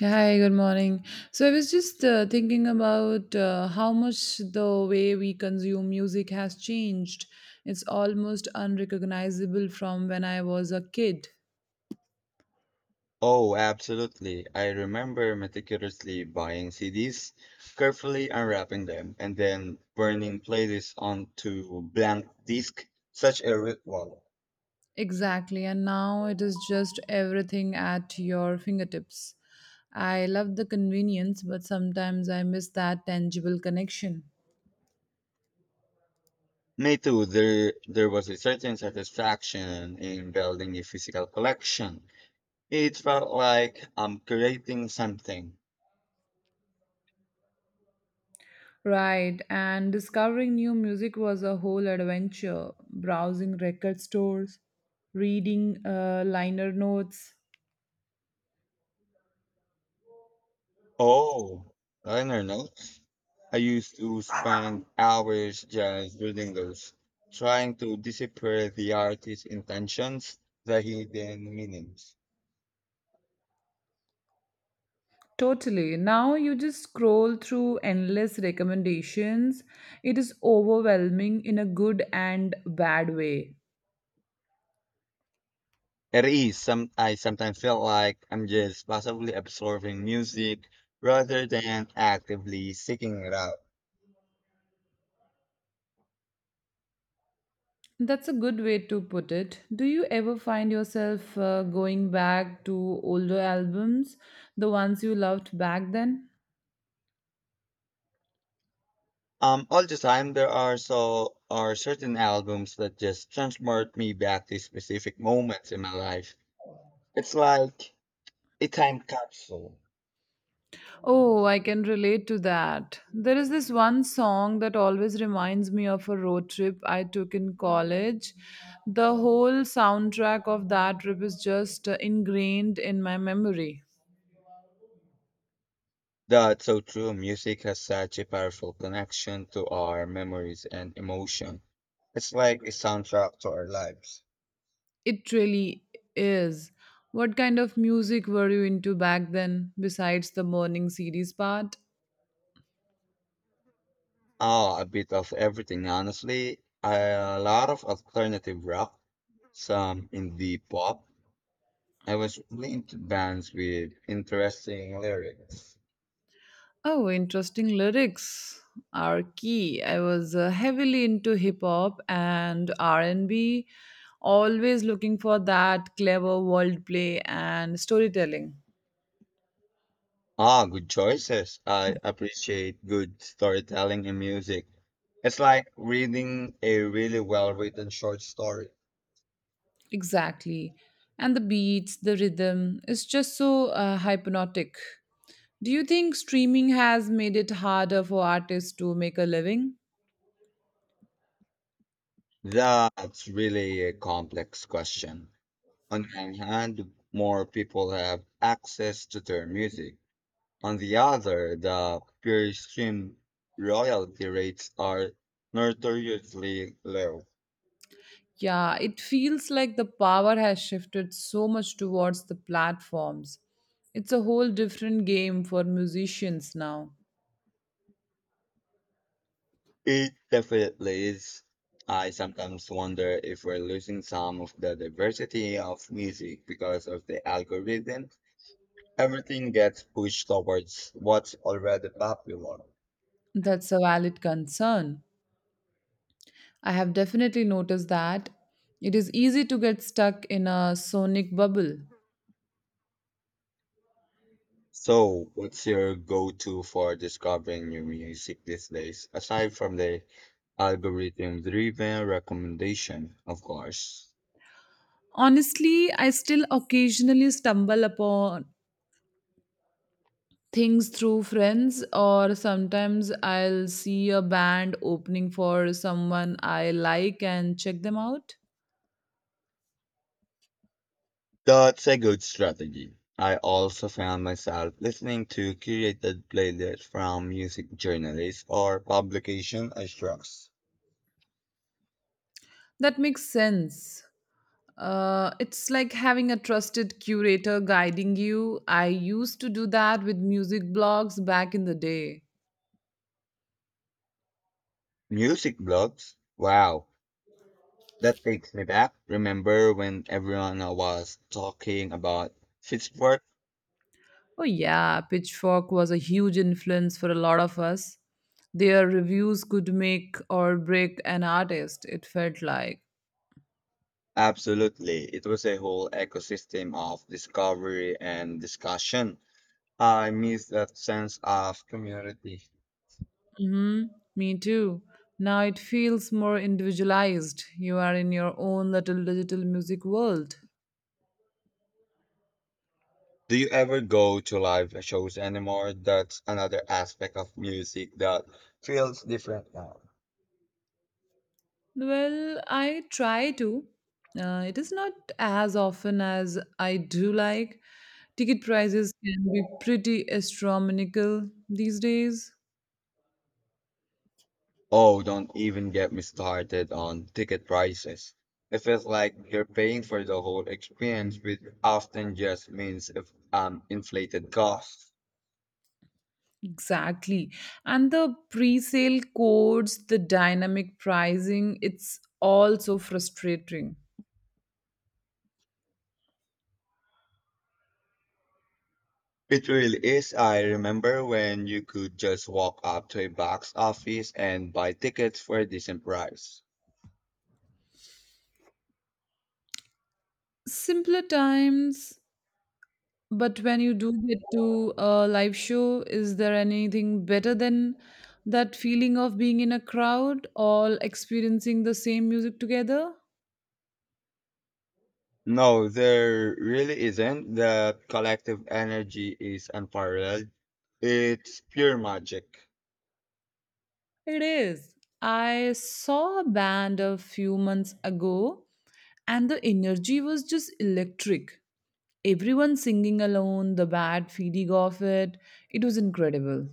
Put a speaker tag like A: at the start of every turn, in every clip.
A: Hi, good morning. So I was just thinking about how much the way we consume music has changed. It's almost unrecognizable from when I was a kid.
B: Oh, absolutely. I remember meticulously buying CDs, carefully unwrapping them, and then burning playlists onto blank disk. Such a ritual.
A: Exactly, and now it is just everything at your fingertips. I love the convenience, but sometimes I miss that tangible connection.
B: Me too. There was a certain satisfaction in building a physical collection. It felt like I'm creating something.
A: Right, and discovering new music was a whole adventure. Browsing record stores, reading liner notes.
B: Oh, liner notes. I used to spend hours just reading those, trying to decipher the artist's intentions, the hidden meanings.
A: Totally. Now you just scroll through endless recommendations. It is overwhelming in a good and bad way.
B: It is some I sometimes feel like I'm just passively absorbing music rather than actively seeking it out.
A: That's a good way to put it. Do you ever find yourself going back to older albums, the ones you loved back then?
B: All the time there are certain albums that just transport me back to specific moments in my life. It's like a time capsule.
A: Oh, I can relate to that. There is this one song that always reminds me of a road trip I took in college. The whole soundtrack of that trip is just ingrained in my memory.
B: That's so true. Music has such a powerful connection to our memories and emotion. It's like a soundtrack to our lives.
A: It really is. What kind of music were you into back then, besides the morning series part?
B: Ah, a bit of everything, honestly. A lot of alternative rock, some indie pop. I was really into bands with interesting lyrics.
A: Oh, interesting lyrics are key. I was heavily into hip hop and R&B, always looking for that clever world play and storytelling.
B: Ah, good choices. I appreciate good storytelling in music. It's like reading a really well written short story.
A: Exactly. And the beats, the rhythm is just so hypnotic. Do you think streaming has made it harder for artists to make a living?
B: That's really a complex question. On one hand, more people have access to their music. On the other, the pure stream royalty rates are notoriously low.
A: Yeah, it feels like the power has shifted so much towards the platforms. It's a whole different game for musicians now.
B: It definitely is. I sometimes wonder if we're losing some of the diversity of music because of the algorithm. Everything gets pushed towards what's already popular.
A: That's a valid concern. I have definitely noticed that it is easy to get stuck in a sonic bubble.
B: So, what's your go-to for discovering new music these days, aside from the algorithm-driven recommendation, of course?
A: Honestly, I still occasionally stumble upon things through friends, or sometimes I'll see a band opening for someone I like and check them out.
B: That's a good strategy. I also found myself listening to curated playlists from music journalists or publication I trust.
A: That makes sense. It's like having a trusted curator guiding you. I used to do that with music blogs back in the day.
B: Music blogs? Wow, that takes me back. Remember when everyone was talking about Pitchfork?
A: Oh, yeah, Pitchfork was a huge influence for a lot of us. Their reviews could make or break an artist, it felt like.
B: Absolutely. It was a whole ecosystem of discovery and discussion. I miss that sense of community.
A: Mm-hmm. Me too. Now it feels more individualized. You are in your own little digital music world.
B: Do you ever go to live shows anymore? That's another aspect of music that feels different now.
A: Well, I try to. It is not as often as I do like. Ticket prices can be pretty astronomical these days.
B: Oh, don't even get me started on ticket prices. It feels like you're paying for the whole experience, which often just means if inflated costs.
A: Exactly. And the pre sale codes, the dynamic pricing, it's also frustrating.
B: It really is. I remember when you could just walk up to a box office and buy tickets for a decent price.
A: Simpler times. But when you do get to a live show, is there anything better than that feeling of being in a crowd, all experiencing the same music together?
B: No, there really isn't. The collective energy is unparalleled. It's pure magic.
A: It is. I saw a band a few months ago, and the energy was just electric. Everyone singing alone, the bad feeling of it. It was incredible.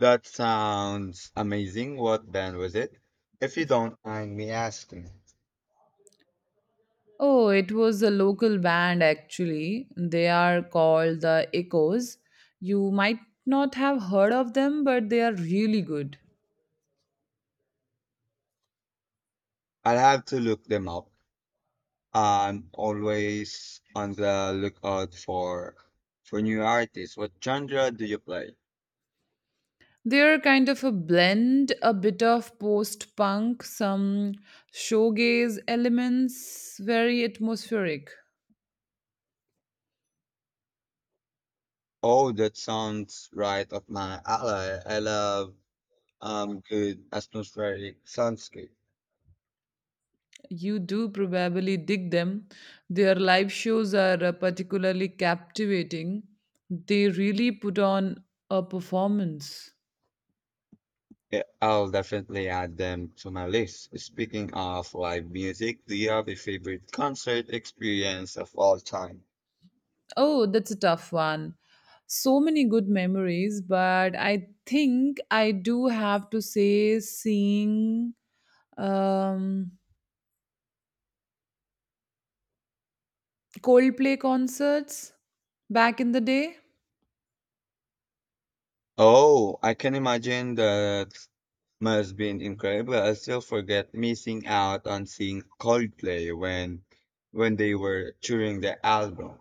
B: That sounds amazing. What band was it? If you don't mind me asking,
A: Oh, it was a local band actually. They are called the Echoes. You might not have heard of them, but they are really good.
B: I'll have to look them up. I'm always on the lookout for new artists. What genre do you play?
A: They're kind of a blend, a bit of post punk, some shoegaze elements, very atmospheric.
B: Oh, that sounds right up my alley. I love good atmospheric soundscape.
A: You do probably dig them. Their live shows are particularly captivating. They really put on a performance.
B: Yeah, I'll definitely add them to my list. Speaking of live music, do you have a favorite concert experience of all time?
A: Oh, that's a tough one. So many good memories, but I think I do have to say seeing um, Coldplay concerts back in the day.
B: Oh, I can imagine that must been incredible. I still forget missing out on seeing Coldplay when they were touring the album.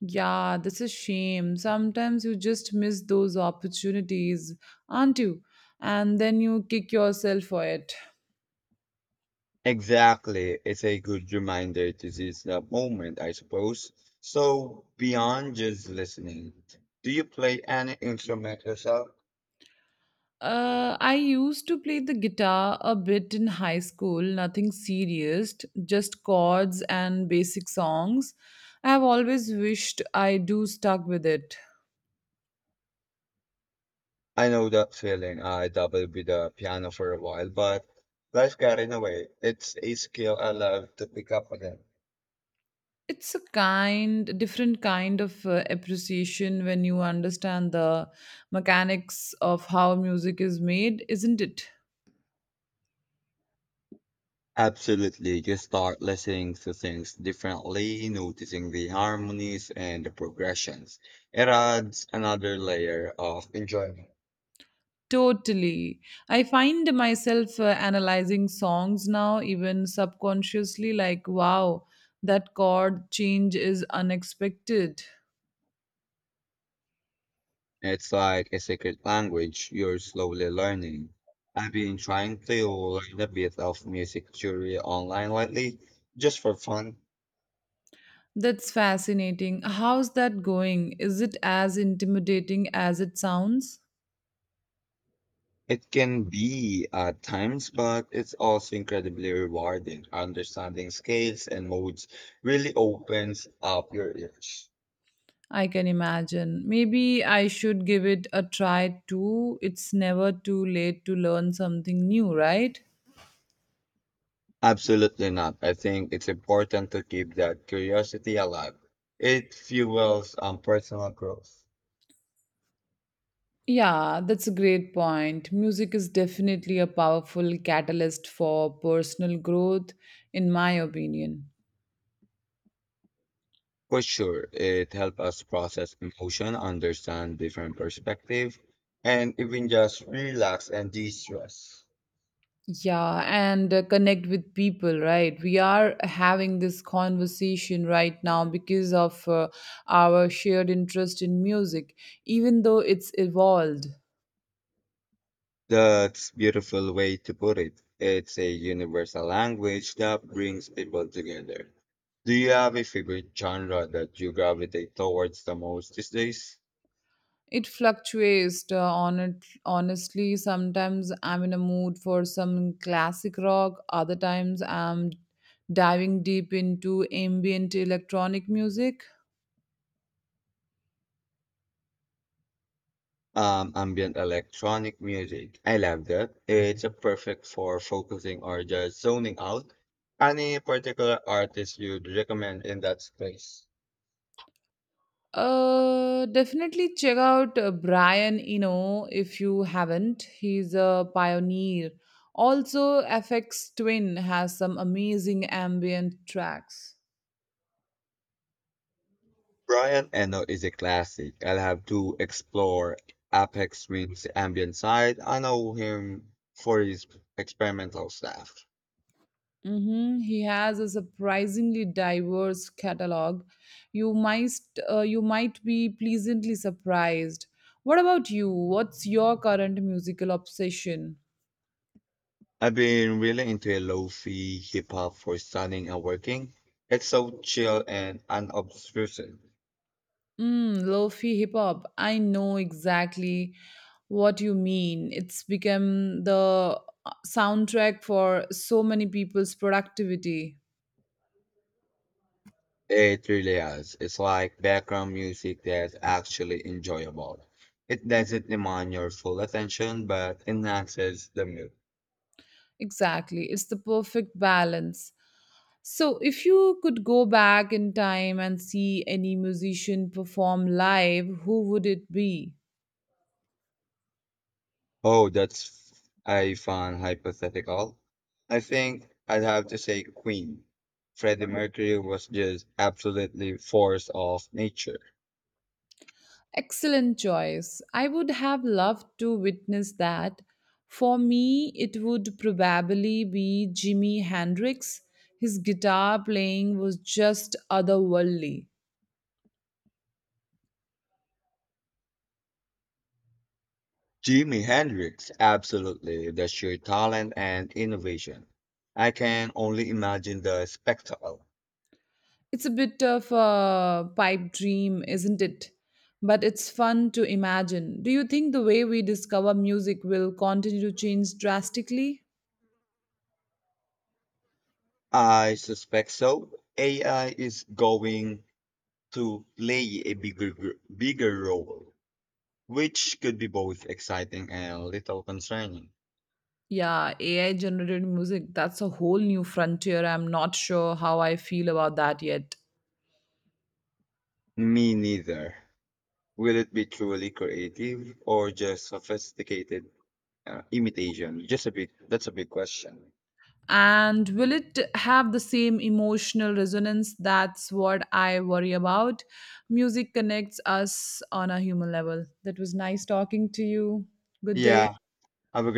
A: Yeah, that's a shame. Sometimes you just miss those opportunities, aren't you? And then you kick yourself for it.
B: Exactly. It's a good reminder to seize the moment, I suppose. So, beyond just listening, do you play any instrument yourself?
A: I used to play the guitar a bit in high school, nothing serious, just chords and basic songs. I have always wished I do stuck with it.
B: I know that feeling. I dabbled with the piano for a while, but life got in the way. It's a skill I love to pick up again.
A: It's a kind, different kind of appreciation when you understand the mechanics of how music is made, isn't it?
B: Absolutely. Just start listening to things differently, noticing the harmonies and the progressions. It adds another layer of enjoyment.
A: Totally. I find myself analyzing songs now, even subconsciously, like, wow, that chord change is unexpected.
B: It's like a secret language you're slowly learning. I've been trying to learn a bit of music theory online lately, just for fun.
A: That's fascinating. How's that going? Is it as intimidating as it sounds?
B: It can be at times, but it's also incredibly rewarding. Understanding scales and modes really opens up your ears.
A: I can imagine. Maybe I should give it a try too. It's never too late to learn something new, right?
B: Absolutely not. I think it's important to keep that curiosity alive. It fuels personal growth.
A: Yeah, that's a great point. Music is definitely a powerful catalyst for personal growth, in my opinion.
B: For sure, it helps us process emotion, understand different perspective, and even just relax and de-stress.
A: Yeah, and connect with people, right? We are having this conversation right now because of our shared interest in music, even though it's evolved.
B: That's beautiful way to put it. It's a universal language that brings people together. Do you have a favorite genre that you gravitate towards the most these days?
A: It fluctuates. Honestly, sometimes I'm in a mood for some classic rock. Other times I'm diving deep into ambient electronic music.
B: Ambient electronic music. I love that. It's a perfect for focusing or just zoning out. Any particular artist you'd recommend in that space?
A: Definitely check out Brian Eno if you haven't. He's a pioneer. Also, FX Twin has some amazing ambient tracks.
B: Brian Eno is a classic. I'll have to explore Apex Twin's ambient side. I know him for his experimental stuff.
A: Hmm. He has a surprisingly diverse catalog. You might you might be pleasantly surprised. What about you? What's your current musical obsession?
B: I've been really into a lo-fi hip hop for studying and working. It's so chill and unobtrusive.
A: Mm, lo-fi hip hop. I know exactly what you mean. It's become the soundtrack for so many people's productivity.
B: It really is. It's like background music that's actually enjoyable. It doesn't demand your full attention, but enhances the mood.
A: Exactly. It's the perfect balance. So, if you could go back in time and see any musician perform live, who would it be?
B: Oh, I found hypothetical. I think I'd have to say Queen. Freddie Mercury was just absolutely force of nature.
A: Excellent choice. I would have loved to witness that. For me, it would probably be Jimi Hendrix. His guitar playing was just otherworldly.
B: Jimi Hendrix, absolutely the sheer talent and innovation. I can only imagine the spectacle.
A: It's a bit of a pipe dream, isn't it? But it's fun to imagine. Do you think the way we discover music will continue to change drastically?
B: I suspect so. AI is going to play a bigger role, which could be both exciting and a little concerning.
A: Yeah, AI generated music, that's a whole new frontier. I'm not sure how I feel about that yet.
B: Me neither. Will it be truly creative or just sophisticated imitation? That's a big question.
A: And will it have the same emotional resonance? That's what I worry about. Music connects us on a human level. That was nice talking to you. Good day.
B: Yeah, have a